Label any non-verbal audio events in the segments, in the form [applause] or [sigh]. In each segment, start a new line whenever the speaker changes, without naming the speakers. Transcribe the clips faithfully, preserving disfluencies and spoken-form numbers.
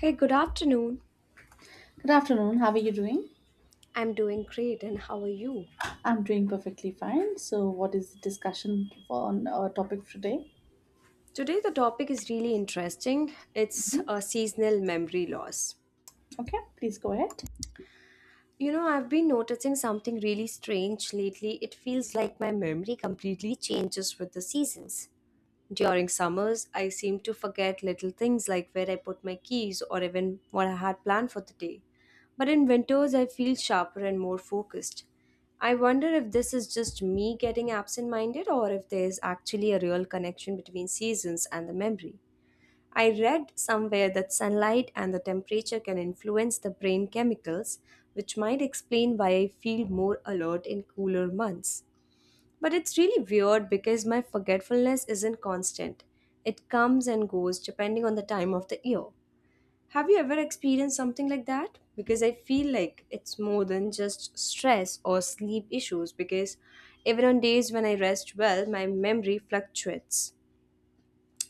Hey, good afternoon.
Good afternoon. How are you doing?
I'm doing great, and how are you?
I'm doing perfectly fine. So, what is the discussion for on our topic today?
Today, the topic is really interesting. It's
Mhm.
a seasonal memory loss.
Okay, please go ahead.
You know, I've been noticing something really strange lately. It feels like my memory completely changes with the seasons. During summers, I seem to forget little things like where I put my keys or even what I had planned for the day. But in winters, I feel sharper and more focused. I wonder if this is just me getting absent minded or if there is actually a real connection between seasons and the memory. I read somewhere that sunlight and the temperature can influence the brain chemicals, which might explain why I feel more alert in cooler months. But it's really weird because my forgetfulness isn't constant. It comes and goes depending on the time of the year. Have you ever experienced something like that? Because I feel like it's more than just stress or sleep issues because even on days when I rest well, my memory fluctuates.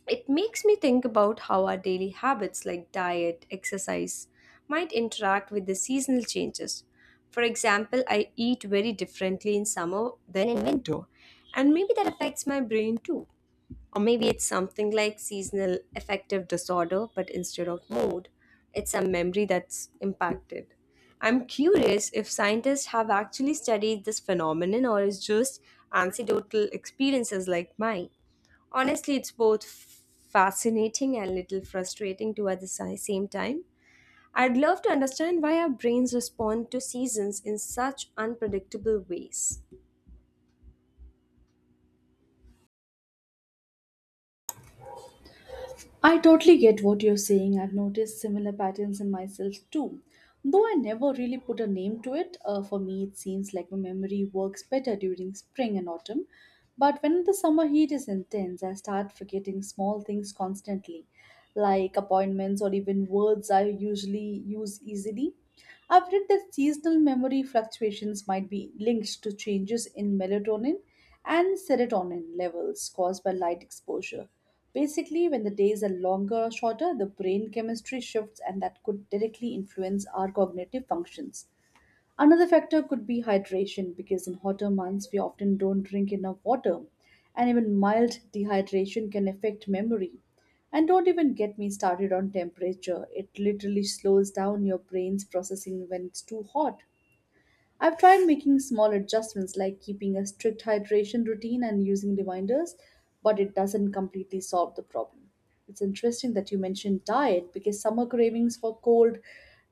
It makes me think about how our daily habits like diet, exercise might interact with the seasonal changes. For example, I eat very differently in summer than in winter, and maybe that affects my brain too. Or maybe it's something like seasonal affective disorder, but instead of mood, it's a memory that's impacted. I'm curious if scientists have actually studied this phenomenon or is just anecdotal experiences like mine. Honestly, it's both fascinating and little frustrating too at the si- same time. I'd love to understand why our brains respond to seasons in such unpredictable ways.
I totally get what you're saying. I've noticed similar patterns in myself too. Though I never really put a name to it, uh, for me it seems like my memory works better during spring and autumn. But when the summer heat is intense, I start forgetting small things constantly, like appointments or even words I usually use easily. I've read that seasonal memory fluctuations might be linked to changes in melatonin and serotonin levels caused by light exposure. Basically, when the days are longer or shorter, the brain chemistry shifts, and that could directly influence our cognitive functions. Another factor could be hydration because in hotter months we often don't drink enough water, and even mild dehydration can affect memory. And don't even get me started on temperature, it literally slows down your brain's processing when it's too hot. I've tried making small adjustments like keeping a strict hydration routine and using reminders, but it doesn't completely solve the problem. It's interesting that you mentioned diet because summer cravings for cold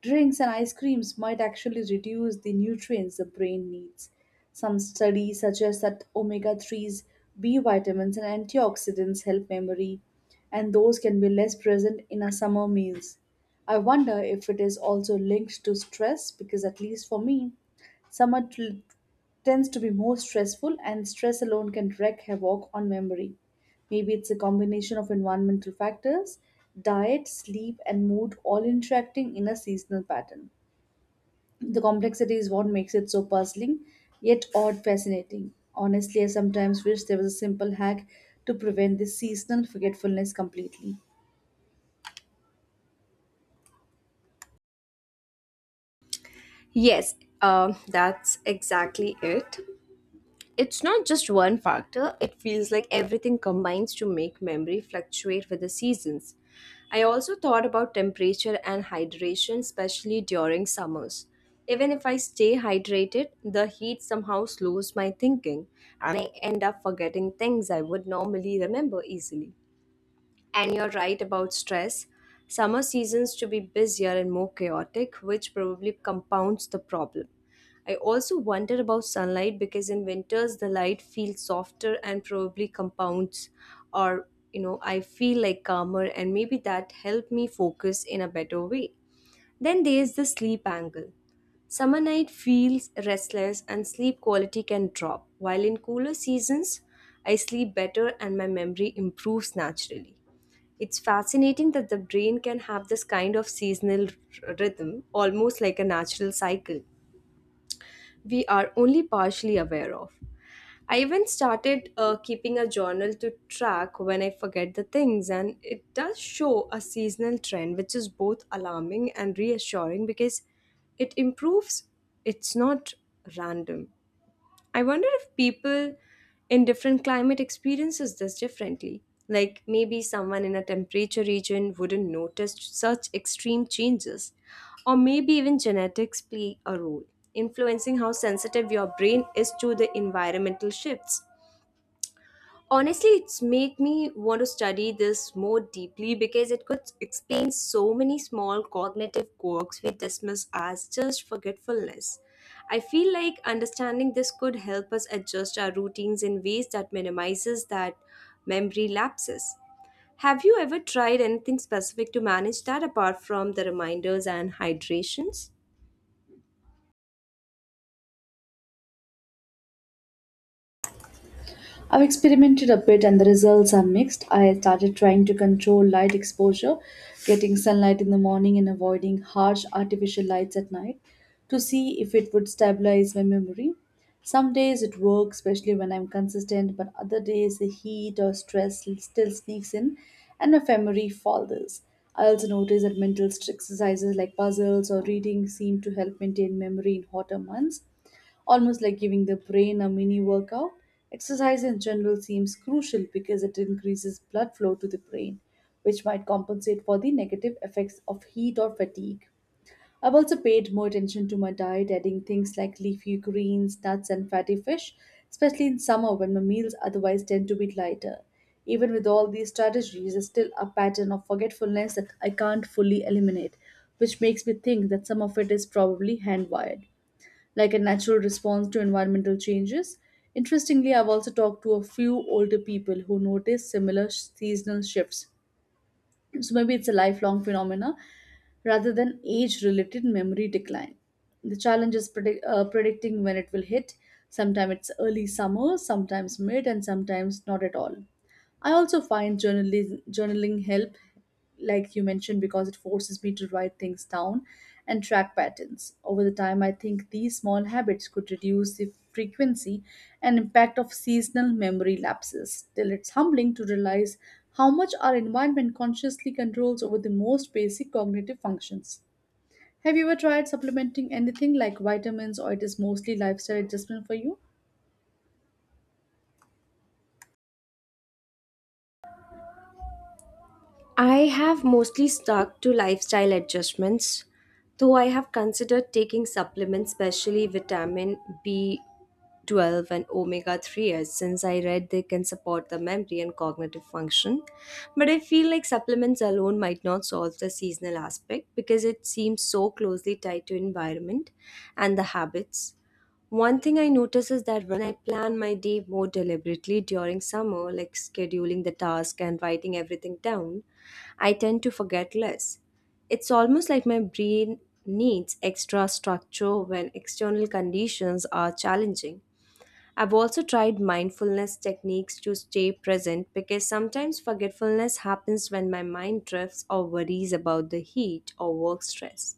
drinks and ice creams might actually reduce the nutrients the brain needs. Some studies suggest that omega threes, B vitamins, and antioxidants help memory, and those can be less present in our summer meals. I wonder if it is also linked to stress because, at least for me, Summer t- tends to be more stressful, and stress alone can wreak havoc on memory. Maybe it's a combination of environmental factors, diet, sleep, and mood all interacting in a seasonal pattern. The complexity is what makes it so puzzling, yet odd fascinating. Honestly, I sometimes wish there was a simple hack to prevent this seasonal forgetfulness completely.
Yes, um, that's exactly it. It's not just one factor, it feels like everything combines to make memory fluctuate with the seasons. I also thought about temperature and hydration, especially during summers. Even if I stay hydrated, the heat somehow slows my thinking and I end up forgetting things I would normally remember easily. And you're right about stress. Summer seasons to be busier and more chaotic, which probably compounds the problem. I also wonder about sunlight because in winters the light feels softer and probably compounds or you know I feel like calmer and maybe that helped me focus in a better way. Then there's the sleep angle. Summer night feels restless and sleep quality can drop, while in cooler seasons, I sleep better and my memory improves naturally. It's fascinating that the brain can have this kind of seasonal r- rhythm, almost like a natural cycle we are only partially aware of. I even started uh, keeping a journal to track when I forget the things, and it does show a seasonal trend, which is both alarming and reassuring because it improves, it's not random. I wonder if people in different climate experiences this differently. Like maybe someone in a temperature region wouldn't notice such extreme changes. Or maybe even genetics play a role, influencing how sensitive your brain is to the environmental shifts. Honestly, it's made me want to study this more deeply because it could explain so many small cognitive quirks we dismiss as just forgetfulness. I feel like understanding this could help us adjust our routines in ways that minimizes that memory lapses. Have you ever tried anything specific to manage that apart from the reminders and hydrations?
I've experimented a bit and the results are mixed. I started trying to control light exposure, getting sunlight in the morning and avoiding harsh artificial lights at night to see if it would stabilize my memory. Some days it works, especially when I'm consistent, but other days the heat or stress still sneaks in and my memory falters. I also notice that mental exercises like puzzles or reading seem to help maintain memory in hotter months, almost like giving the brain a mini workout. Exercise in general seems crucial because it increases blood flow to the brain, which might compensate for the negative effects of heat or fatigue. I've also paid more attention to my diet, adding things like leafy greens, nuts, and fatty fish, especially in summer when my meals otherwise tend to be lighter. Even with all these strategies, there's still a pattern of forgetfulness that I can't fully eliminate, which makes me think that some of it is probably hand wired, like a natural response to environmental changes. Interestingly, I've also talked to a few older people who notice similar sh- seasonal shifts. So maybe it's a lifelong phenomena rather than age related memory decline. The challenge is predict, uh, predicting when it will hit. Sometimes it's early summer, sometimes mid, and sometimes not at all. I also find journaling, journaling help, like you mentioned, because it forces me to write things down and track patterns. Over the time, I think these small habits could reduce the frequency and impact of seasonal memory lapses. Till it's humbling to realize how much our environment consciously controls over the most basic cognitive functions. Have you ever tried supplementing anything like vitamins, or it is mostly lifestyle adjustment for you?
I have mostly stuck to lifestyle adjustments, though I have considered taking supplements, especially vitamin B twelve and omega three, as since I read they can support the memory and cognitive function. But I feel like supplements alone might not solve the seasonal aspect because it seems so closely tied to environment and the habits. One thing I notice is that when I plan my day more deliberately during summer, like scheduling the task and writing everything down, I tend to forget less. It's almost like my brain needs extra structure when external conditions are challenging. I've also tried mindfulness techniques to stay present because sometimes forgetfulness happens when my mind drifts or worries about the heat or work stress.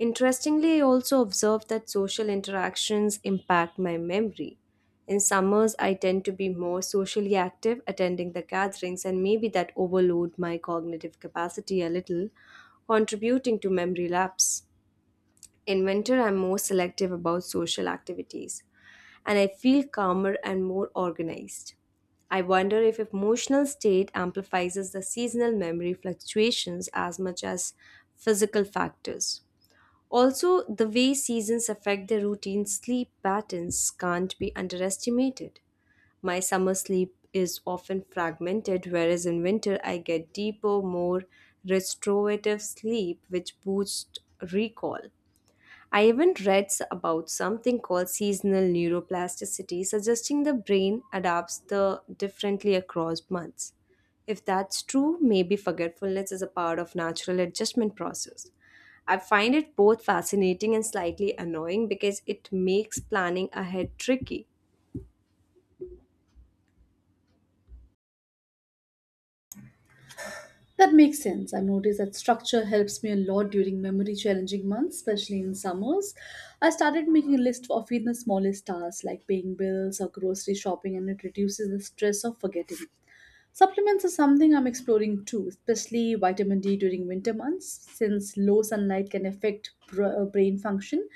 Interestingly, I also observed that social interactions impact my memory. In summers, I tend to be more socially active, attending the gatherings, and maybe that overload my cognitive capacity a little, contributing to memory lapse. In winter, I'm more selective about social activities, and I feel calmer and more organized. I wonder if emotional state amplifies the seasonal memory fluctuations as much as physical factors. Also, the way seasons affect the routine sleep patterns can't be underestimated. My summer sleep is often fragmented, whereas in winter I get deeper, more restorative sleep, which boosts recall. I even read s- about something called seasonal neuroplasticity, suggesting the brain adapts the differently across months. If that's true, maybe forgetfulness is a part of natural adjustment process. I find it both fascinating and slightly annoying because it makes planning ahead tricky.
That makes sense. I've noticed that structure helps me a lot during memory challenging months, especially in summers. I started making a list of even the smallest tasks like paying bills or grocery shopping, and it reduces the stress of forgetting. Supplements are something I'm exploring too, especially vitamin D during winter months, since low sunlight can affect br- uh, brain function,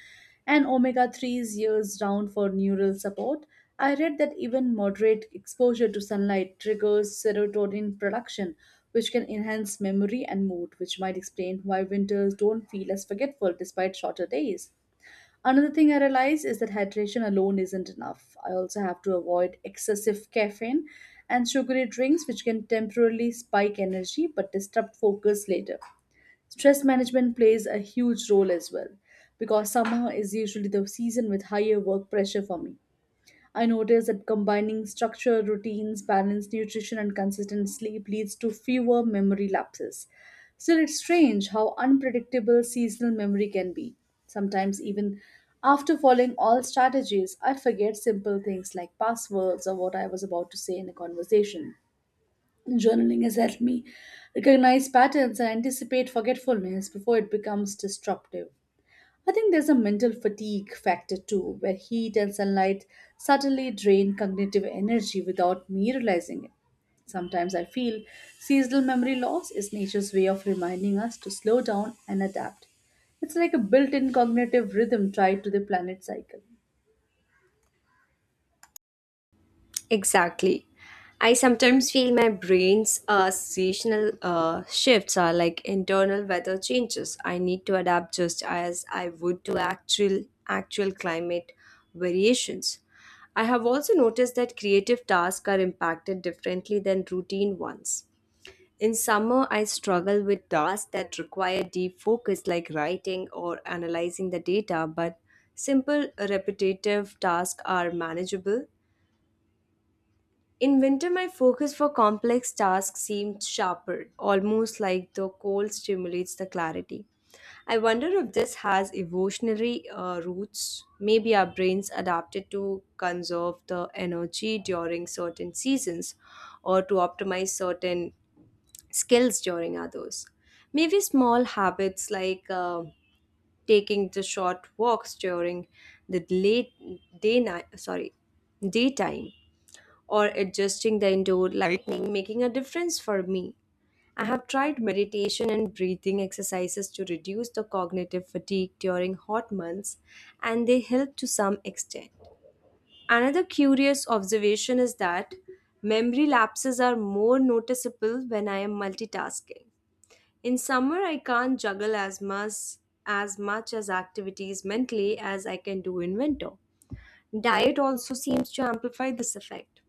and omega threes years round for neural support. I read that even moderate exposure to sunlight triggers serotonin production, which can enhance memory and mood, which might explain why winters don't feel as forgetful despite shorter days. Another thing I realize is that hydration alone isn't enough. I also have to avoid excessive caffeine and sugary drinks, which can temporarily spike energy but disrupt focus later. Stress management plays a huge role as well, because summer is usually the season with higher work pressure for me. I noticed that combining structured routines, balanced nutrition, and consistent sleep leads to fewer memory lapses. Still, it's strange how unpredictable seasonal memory can be. Sometimes, even after following all strategies, I forget simple things like passwords or what I was about to say in a conversation. Journaling has helped me recognize patterns and anticipate forgetfulness before it becomes disruptive. I think there's a mental fatigue factor too, where heat and sunlight suddenly drain cognitive energy without me realizing it. Sometimes I feel seasonal memory loss is nature's way of reminding us to slow down and adapt. It's like a built in cognitive rhythm tied to the planet cycle.
Exactly. I sometimes feel my brain's uh, seasonal uh, shifts are like internal weather changes. I need to adapt just as I would to actual actual climate variations. I have also noticed that creative tasks are impacted differently than routine ones. In summer, I struggle with tasks that require deep focus, like writing or analyzing the data, but simple repetitive tasks are manageable in winter, my focus for complex tasks seemed sharper, almost like the cold stimulates the clarity. I wonder if this has evolutionary uh, roots. Maybe our brains adapted to conserve the energy during certain seasons or to optimize certain skills during others. Maybe small habits like uh, taking the short walks during the late day night, sorry, daytime or adjusting the indoor lighting making a difference for me. I have tried meditation and breathing exercises to reduce the cognitive fatigue during hot months, and they help to some extent. Another curious observation is that memory lapses are more noticeable when I am multitasking. In summer, I can't juggle as much as much as activities mentally as I can do in winter. Diet also seems to amplify this effect.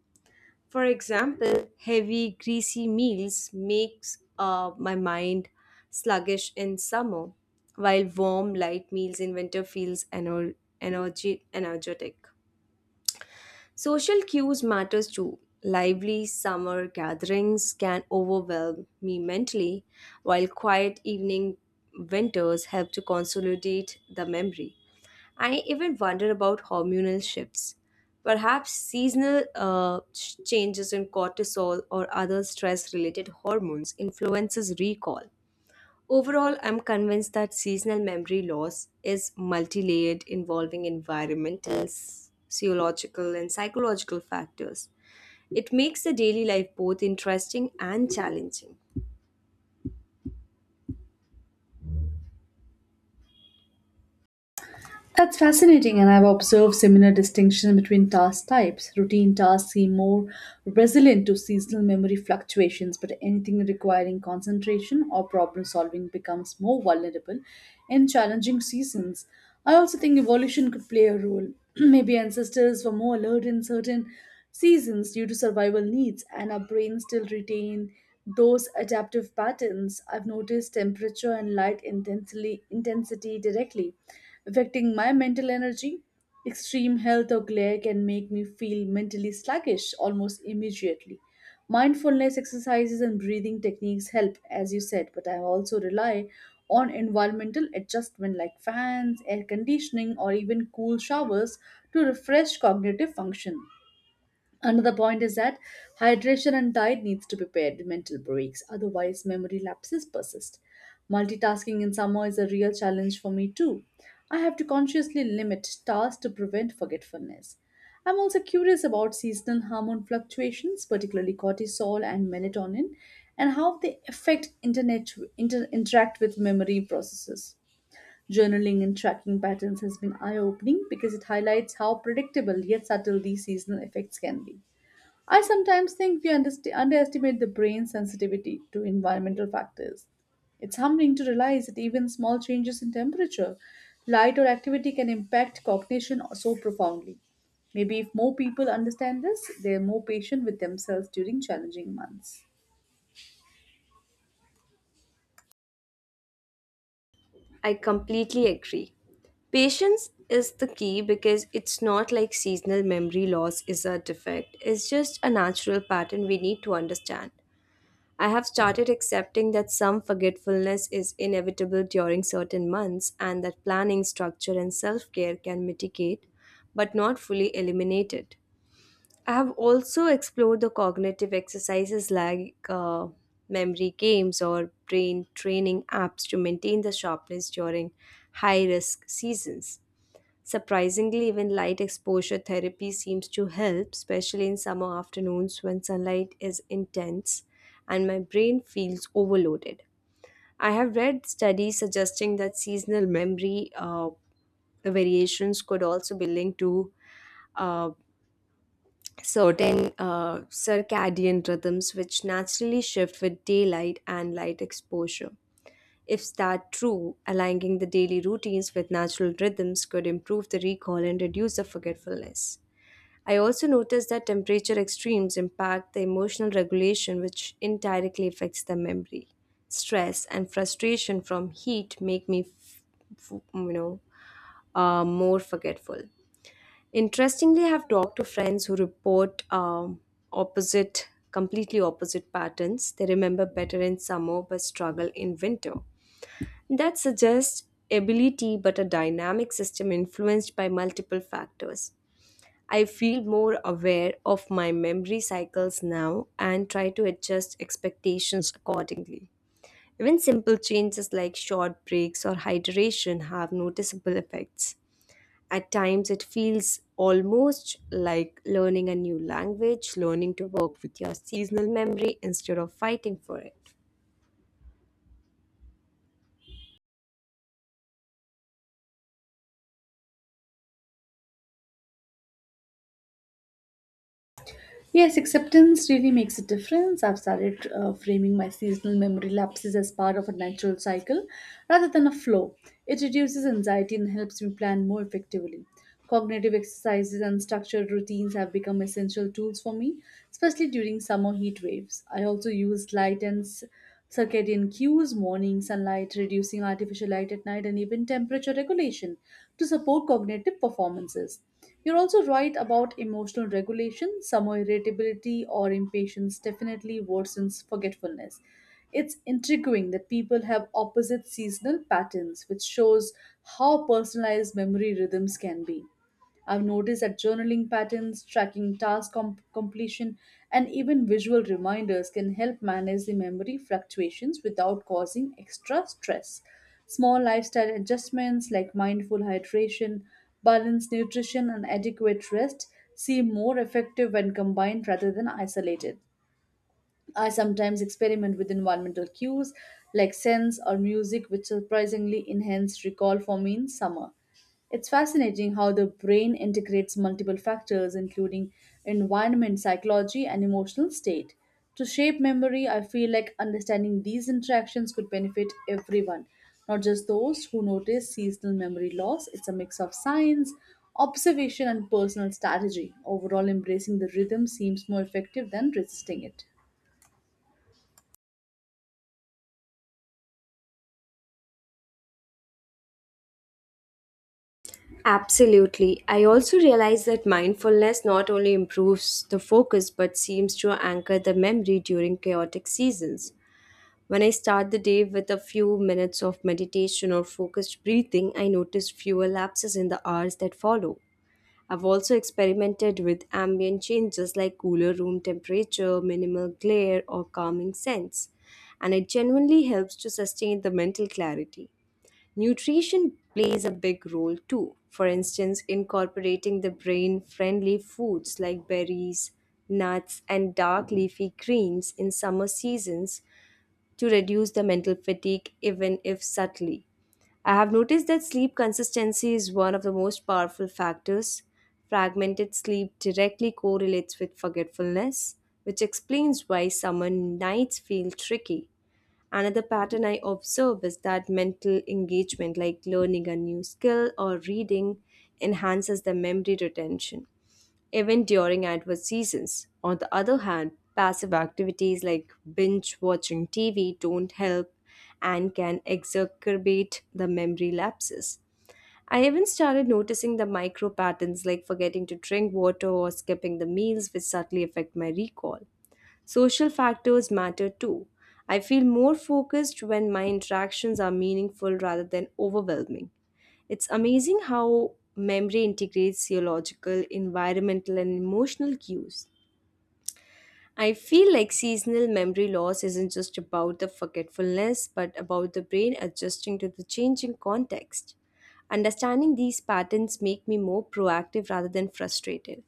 For example, heavy, greasy meals makes uh, my mind sluggish in summer, while warm, light meals in winter feels ener- energy energetic. Social cues matters too. Lively summer gatherings can overwhelm me mentally, while quiet evening winters help to consolidate the memory. I even wonder about hormonal shifts. Perhaps seasonal uh, ch- changes in cortisol or other stress-related hormones influences recall. Overall, I'm convinced that seasonal memory loss is multi-layered, involving environmental, sociological, and psychological factors. It makes the daily life both interesting and challenging.
That's fascinating, and I've observed similar distinctions between task types. Routine tasks seem more resilient to seasonal memory fluctuations, but anything requiring concentration or problem solving becomes more vulnerable in challenging seasons. I also think evolution could play a role. [clears throat] Maybe ancestors were more alert in certain seasons due to survival needs, and our brains still retain those adaptive patterns. I've noticed temperature and light intensely, intensity directly affecting my mental energy. Extreme health or glare can make me feel mentally sluggish almost immediately. Mindfulness exercises and breathing techniques help, as you said, but I also rely on environmental adjustment like fans, air conditioning, or even cool showers to refresh cognitive function. Another point is that hydration and diet needs to be paired with mental breaks, otherwise memory lapses persist. Multitasking in summer is a real challenge for me too. I have to consciously limit tasks to prevent forgetfulness. I'm also curious about seasonal hormone fluctuations, particularly cortisol and melatonin, and how they affect internet inter- interact with memory processes. Journaling and tracking patterns has been eye opening because it highlights how predictable yet subtle these seasonal effects can be. I sometimes think we underst- underestimate the brain's sensitivity to environmental factors. It's humbling to realize that even small changes in temperature, light, or activity can impact cognition so profoundly. Maybe if more people understand this, they're more patient with themselves during challenging months.
I completely agree. Patience is the key because it's not like seasonal memory loss is a defect. It's just a natural pattern we need to understand. I have started accepting that some forgetfulness is inevitable during certain months and that planning, structure, and self care can mitigate but not fully eliminate it. I have also explored the cognitive exercises like uh, memory games or brain training apps to maintain the sharpness during high risk seasons. Surprisingly, even light exposure therapy seems to help, especially in summer afternoons when sunlight is intense and my brain feels overloaded. I have read studies suggesting that seasonal memory uh, variations could also be linked to uh, certain uh, circadian rhythms which naturally shift with daylight and light exposure. If that true, aligning the daily routines with natural rhythms could improve the recall and reduce the forgetfulness. I also noticed that temperature extremes impact the emotional regulation, which indirectly affects the memory. Stress and frustration from heat make me, f- f- you know, uh, more forgetful. Interestingly, I have talked to friends who report um, opposite, completely opposite patterns. They remember better in summer but struggle in winter. That suggests ability but a dynamic system influenced by multiple factors. I feel more aware of my memory cycles now and try to adjust expectations accordingly. Even simple changes like short breaks or hydration have noticeable effects. At times, it feels almost like learning a new language, learning to work with your seasonal memory instead of fighting for it.
Yes, acceptance really makes a difference. I've started uh, framing my seasonal memory lapses as part of a natural cycle rather than a flow. It reduces anxiety and helps me plan more effectively. Cognitive exercises and structured routines have become essential tools for me, especially during summer heat waves. I also use light and s- circadian cues, morning sunlight, reducing artificial light at night, and even temperature regulation to support cognitive performances. You're also right about emotional regulation. Summer irritability or impatience definitely worsens forgetfulness. It's intriguing that people have opposite seasonal patterns, which shows how personalized memory rhythms can be. I've noticed that journaling patterns, tracking task com- completion, and even visual reminders can help manage the memory fluctuations without causing extra stress. Small lifestyle adjustments like mindful hydration, balanced nutrition, and adequate rest seem more effective when combined rather than isolated. I sometimes experiment with environmental cues like scents or music, which surprisingly enhance recall for me in summer. It's fascinating how the brain integrates multiple factors, including environment, psychology, and emotional state. To shape memory, I feel like understanding these interactions could benefit everyone, not just those who notice seasonal memory loss. It's a mix of science, observation, and personal strategy. Overall, embracing the rhythm seems more effective than resisting it.
Absolutely. I also realize that mindfulness not only improves the focus but seems to anchor the memory during chaotic seasons. When I start the day with a few minutes of meditation or focused breathing, I notice fewer lapses in the hours that follow. I've also experimented with ambient changes like cooler room temperature, minimal glare, or calming scents, and it genuinely helps to sustain the mental clarity. Nutrition plays a big role too. For instance, incorporating the brain friendly foods like berries, nuts, and dark leafy greens in summer seasons to reduce the mental fatigue, even if subtly. I have noticed that sleep consistency is one of the most powerful factors. Fragmented sleep directly correlates with forgetfulness, which explains why summer nights feel tricky. Another pattern I observe is that mental engagement, like learning a new skill or reading, enhances the memory retention. Even during adverse seasons. On the other hand, passive activities like binge watching T V don't help and can exacerbate the memory lapses. I even started noticing the micro patterns like forgetting to drink water or skipping the meals, which subtly affect my recall. Social factors matter too. I feel more focused when my interactions are meaningful rather than overwhelming. It's amazing how memory integrates geological, environmental, and emotional cues. I feel like seasonal memory loss isn't just about the forgetfulness, but about the brain adjusting to the changing context. Understanding these patterns make me more proactive rather than frustrated.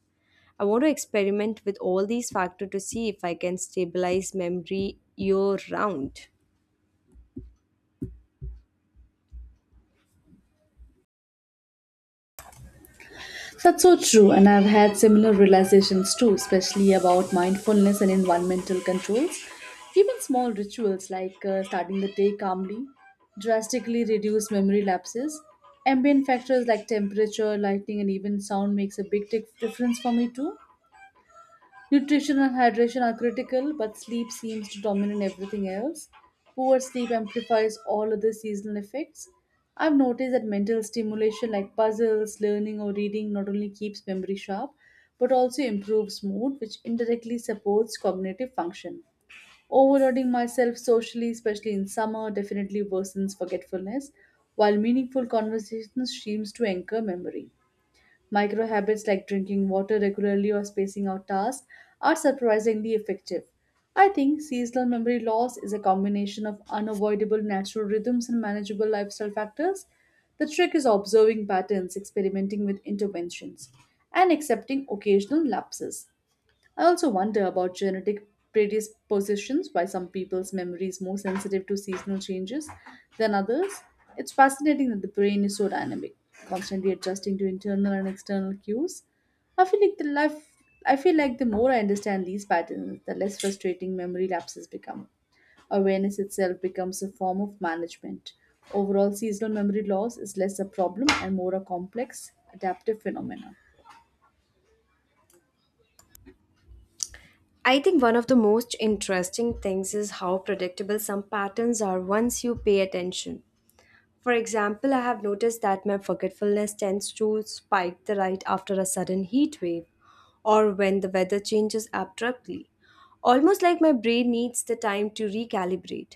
I want to experiment with all these factors to see if I can stabilize memory year round.
That's so true, and I've had similar realizations too, especially about mindfulness and environmental controls. Even small rituals like uh, starting the day calmly drastically reduce memory lapses. Ambient factors like temperature, lighting, and even sound makes a big dif- difference for me too. Nutrition and hydration are critical, but sleep seems to dominate everything else. Poor sleep amplifies all other seasonal effects. I've noticed that mental stimulation like puzzles, learning, or reading not only keeps memory sharp, but also improves mood, which indirectly supports cognitive function. Overloading myself socially, especially in summer, definitely worsens forgetfulness, while meaningful conversations seems to anchor memory. Micro habits like drinking water regularly or spacing out tasks are surprisingly effective. I think seasonal memory loss is a combination of unavoidable natural rhythms and manageable lifestyle factors. The trick is observing patterns, experimenting with interventions, and accepting occasional lapses. I also wonder about genetic predispositions, why some people's memory is more sensitive to seasonal changes than others. It's fascinating that the brain is so dynamic, constantly adjusting to internal and external cues. I feel like the life I feel like the more I understand these patterns, the less frustrating memory lapses become. Awareness itself becomes a form of management. Overall seasonal memory loss is less a problem and more a complex adaptive phenomenon.
I think one of the most interesting things is how predictable some patterns are once you pay attention. For example, I have noticed that my forgetfulness tends to spike the right after a sudden heat wave or when the weather changes abruptly. Almost like my brain needs the time to recalibrate.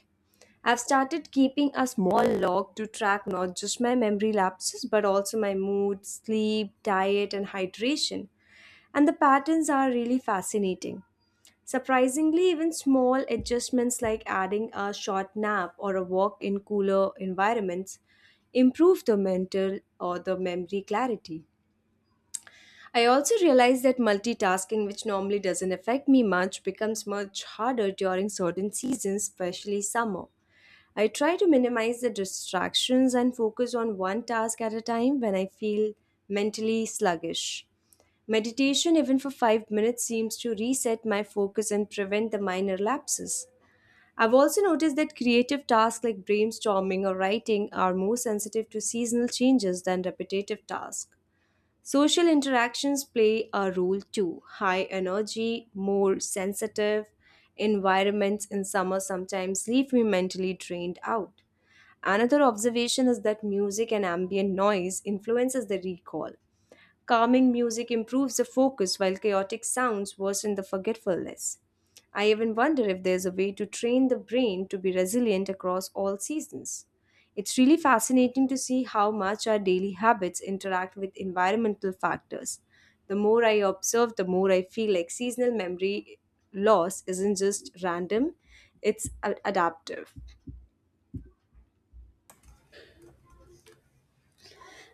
I've started keeping a small log to track not just my memory lapses but also my mood, sleep, diet, and hydration. And the patterns are really fascinating. Surprisingly, even small adjustments like adding a short nap or a walk in cooler environments improve the mental or the memory clarity. I also realized that multitasking, which normally doesn't affect me much, becomes much harder during certain seasons, especially summer. I try to minimize the distractions and focus on one task at a time when I feel mentally sluggish. Meditation, even for five minutes, seems to reset my focus and prevent the minor lapses. I've also noticed that creative tasks like brainstorming or writing are more sensitive to seasonal changes than repetitive tasks. Social interactions play a role too. High energy, more sensitive environments in summer sometimes leave me mentally drained out. Another observation is that music and ambient noise influences the recall. Calming music improves the focus while chaotic sounds worsen the forgetfulness. I even wonder if there's a way to train the brain to be resilient across all seasons. It's really fascinating to see how much our daily habits interact with environmental factors. The more I observe, the more I feel like seasonal memory loss isn't just random, it's a- adaptive.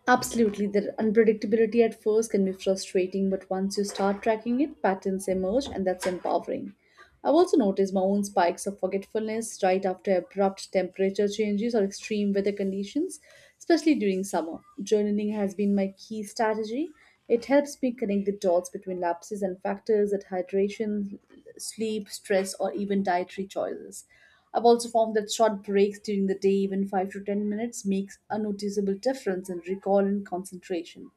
Absolutely, the unpredictability at first can be frustrating, but once you start tracking it, patterns emerge, and that's empowering. I've also noticed my own spikes of forgetfulness right after abrupt temperature changes or extreme weather conditions, especially during summer. Journaling has been my key strategy. It helps me connect the dots between lapses and factors at hydration, sleep, stress, or even dietary choices. I've also found that short breaks during the day, even five to ten minutes, makes a noticeable difference in recall and concentration.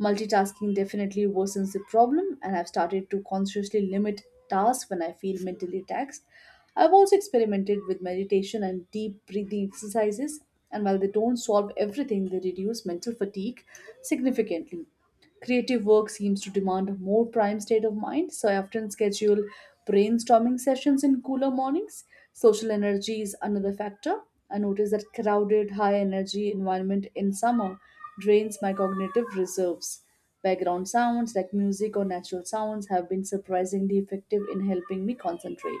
Multitasking definitely worsens the problem, and I've started to consciously limit tasks when I feel mentally taxed. I've also experimented with meditation and deep breathing exercises, and while they don't solve everything, they reduce mental fatigue significantly. Creative work seems to demand a more prime state of mind, so I often schedule brainstorming sessions in cooler mornings. Social energy is another factor. I notice that crowded, high energy environment in summer drains my cognitive reserves. Background sounds like music or natural sounds have been surprisingly effective in helping me concentrate.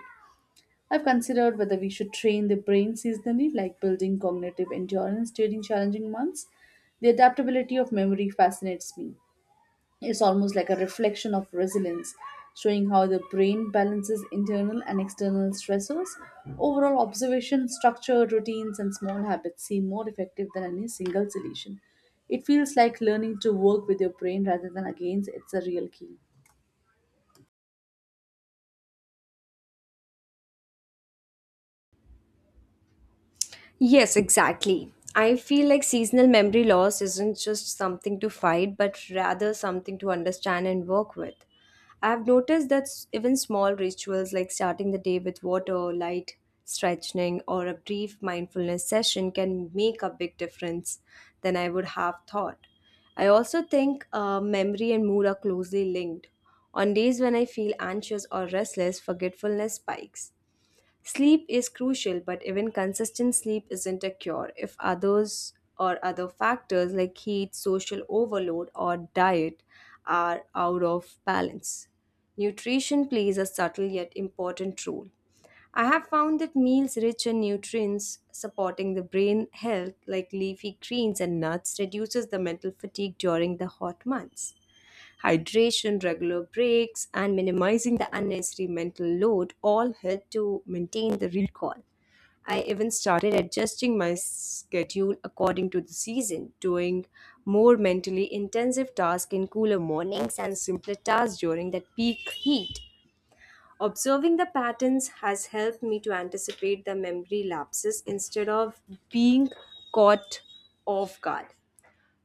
I've considered whether we should train the brain seasonally, like building cognitive endurance during challenging months. The adaptability of memory fascinates me. It's almost like a reflection of resilience, showing how the brain balances internal and external stressors. Overall, observation, structure, routines, and small habits seem more effective than any single solution. It feels like learning to work with your brain rather than against it's a real key.
Yes, exactly. I feel like seasonal memory loss isn't just something to fight, but rather something to understand and work with. I've noticed that s- even small rituals like starting the day with water, light, stretching, or a brief mindfulness session can make a big difference than I would have thought. I also think uh, memory and mood are closely linked. On days when I feel anxious or restless, forgetfulness spikes. Sleep is crucial, but even consistent sleep isn't a cure. If others or other factors like heat, social overload, or diet are out of balance, nutrition plays a subtle yet important role. I have found that meals rich in nutrients supporting the brain health like leafy greens and nuts reduces the mental fatigue during the hot months. Hydration, regular breaks, and minimizing the unnecessary mental load all help to maintain the recall. I even started adjusting my schedule according to the season, doing more mentally intensive tasks in cooler mornings and simpler tasks during that peak heat. Observing the patterns has helped me to anticipate the memory lapses instead of being caught off guard.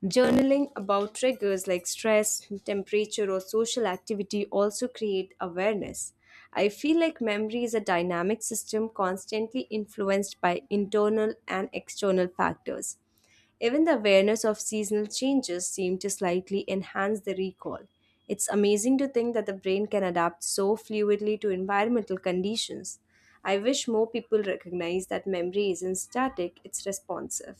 Journaling about triggers like stress, temperature, or social activity also create awareness. I feel like memory is a dynamic system constantly influenced by internal and external factors. Even the awareness of seasonal changes seem to slightly enhance the recall. It's amazing to think that the brain can adapt so fluidly to environmental conditions. I wish more people recognize that memory isn't static, it's responsive.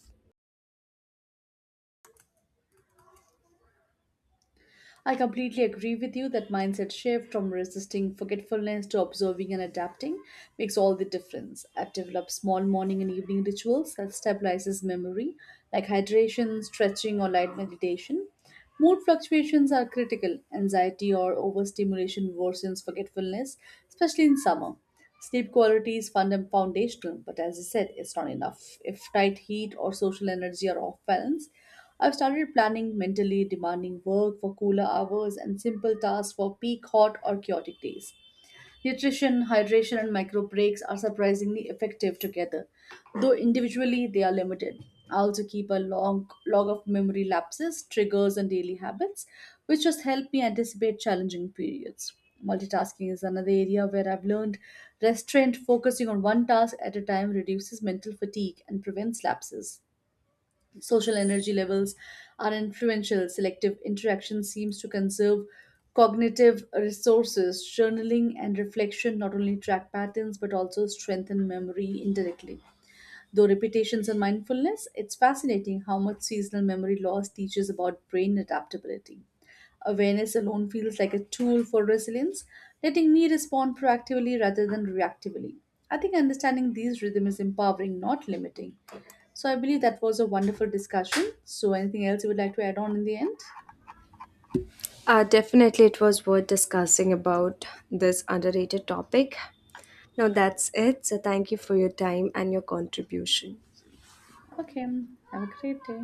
I completely agree with you that mindset shift from resisting forgetfulness to observing and adapting makes all the difference. I've developed small morning and evening rituals that stabilizes memory, like hydration, stretching, or light meditation. Mood fluctuations are critical. Anxiety or overstimulation worsens forgetfulness, especially in summer. Sleep quality is funda- foundational, but as I said, it's not enough. If tight heat or social energy are off balance, I've started planning mentally demanding work for cooler hours and simple tasks for peak hot or chaotic days. Nutrition, hydration, and micro breaks are surprisingly effective together, though individually they are limited. I also keep a long log of memory lapses, triggers, and daily habits, which just help me anticipate challenging periods. Multitasking is another area where I've learned restraint, focusing on one task at a time, reduces mental fatigue and prevents lapses. Social energy levels are influential. Selective interaction seems to conserve cognitive resources. Journaling and reflection not only track patterns but also strengthen memory indirectly. Though repetitions and mindfulness, it's fascinating how much seasonal memory loss teaches about brain adaptability. Awareness alone feels like a tool for resilience, letting me respond proactively rather than reactively. I think understanding these rhythms is empowering, not limiting. So I believe that was a wonderful discussion. So anything else you would like to add on in the end?
Uh, definitely, it was worth discussing about this underrated topic. Now, that's it. So, thank you for your time and your contribution.
Okay, have a great day.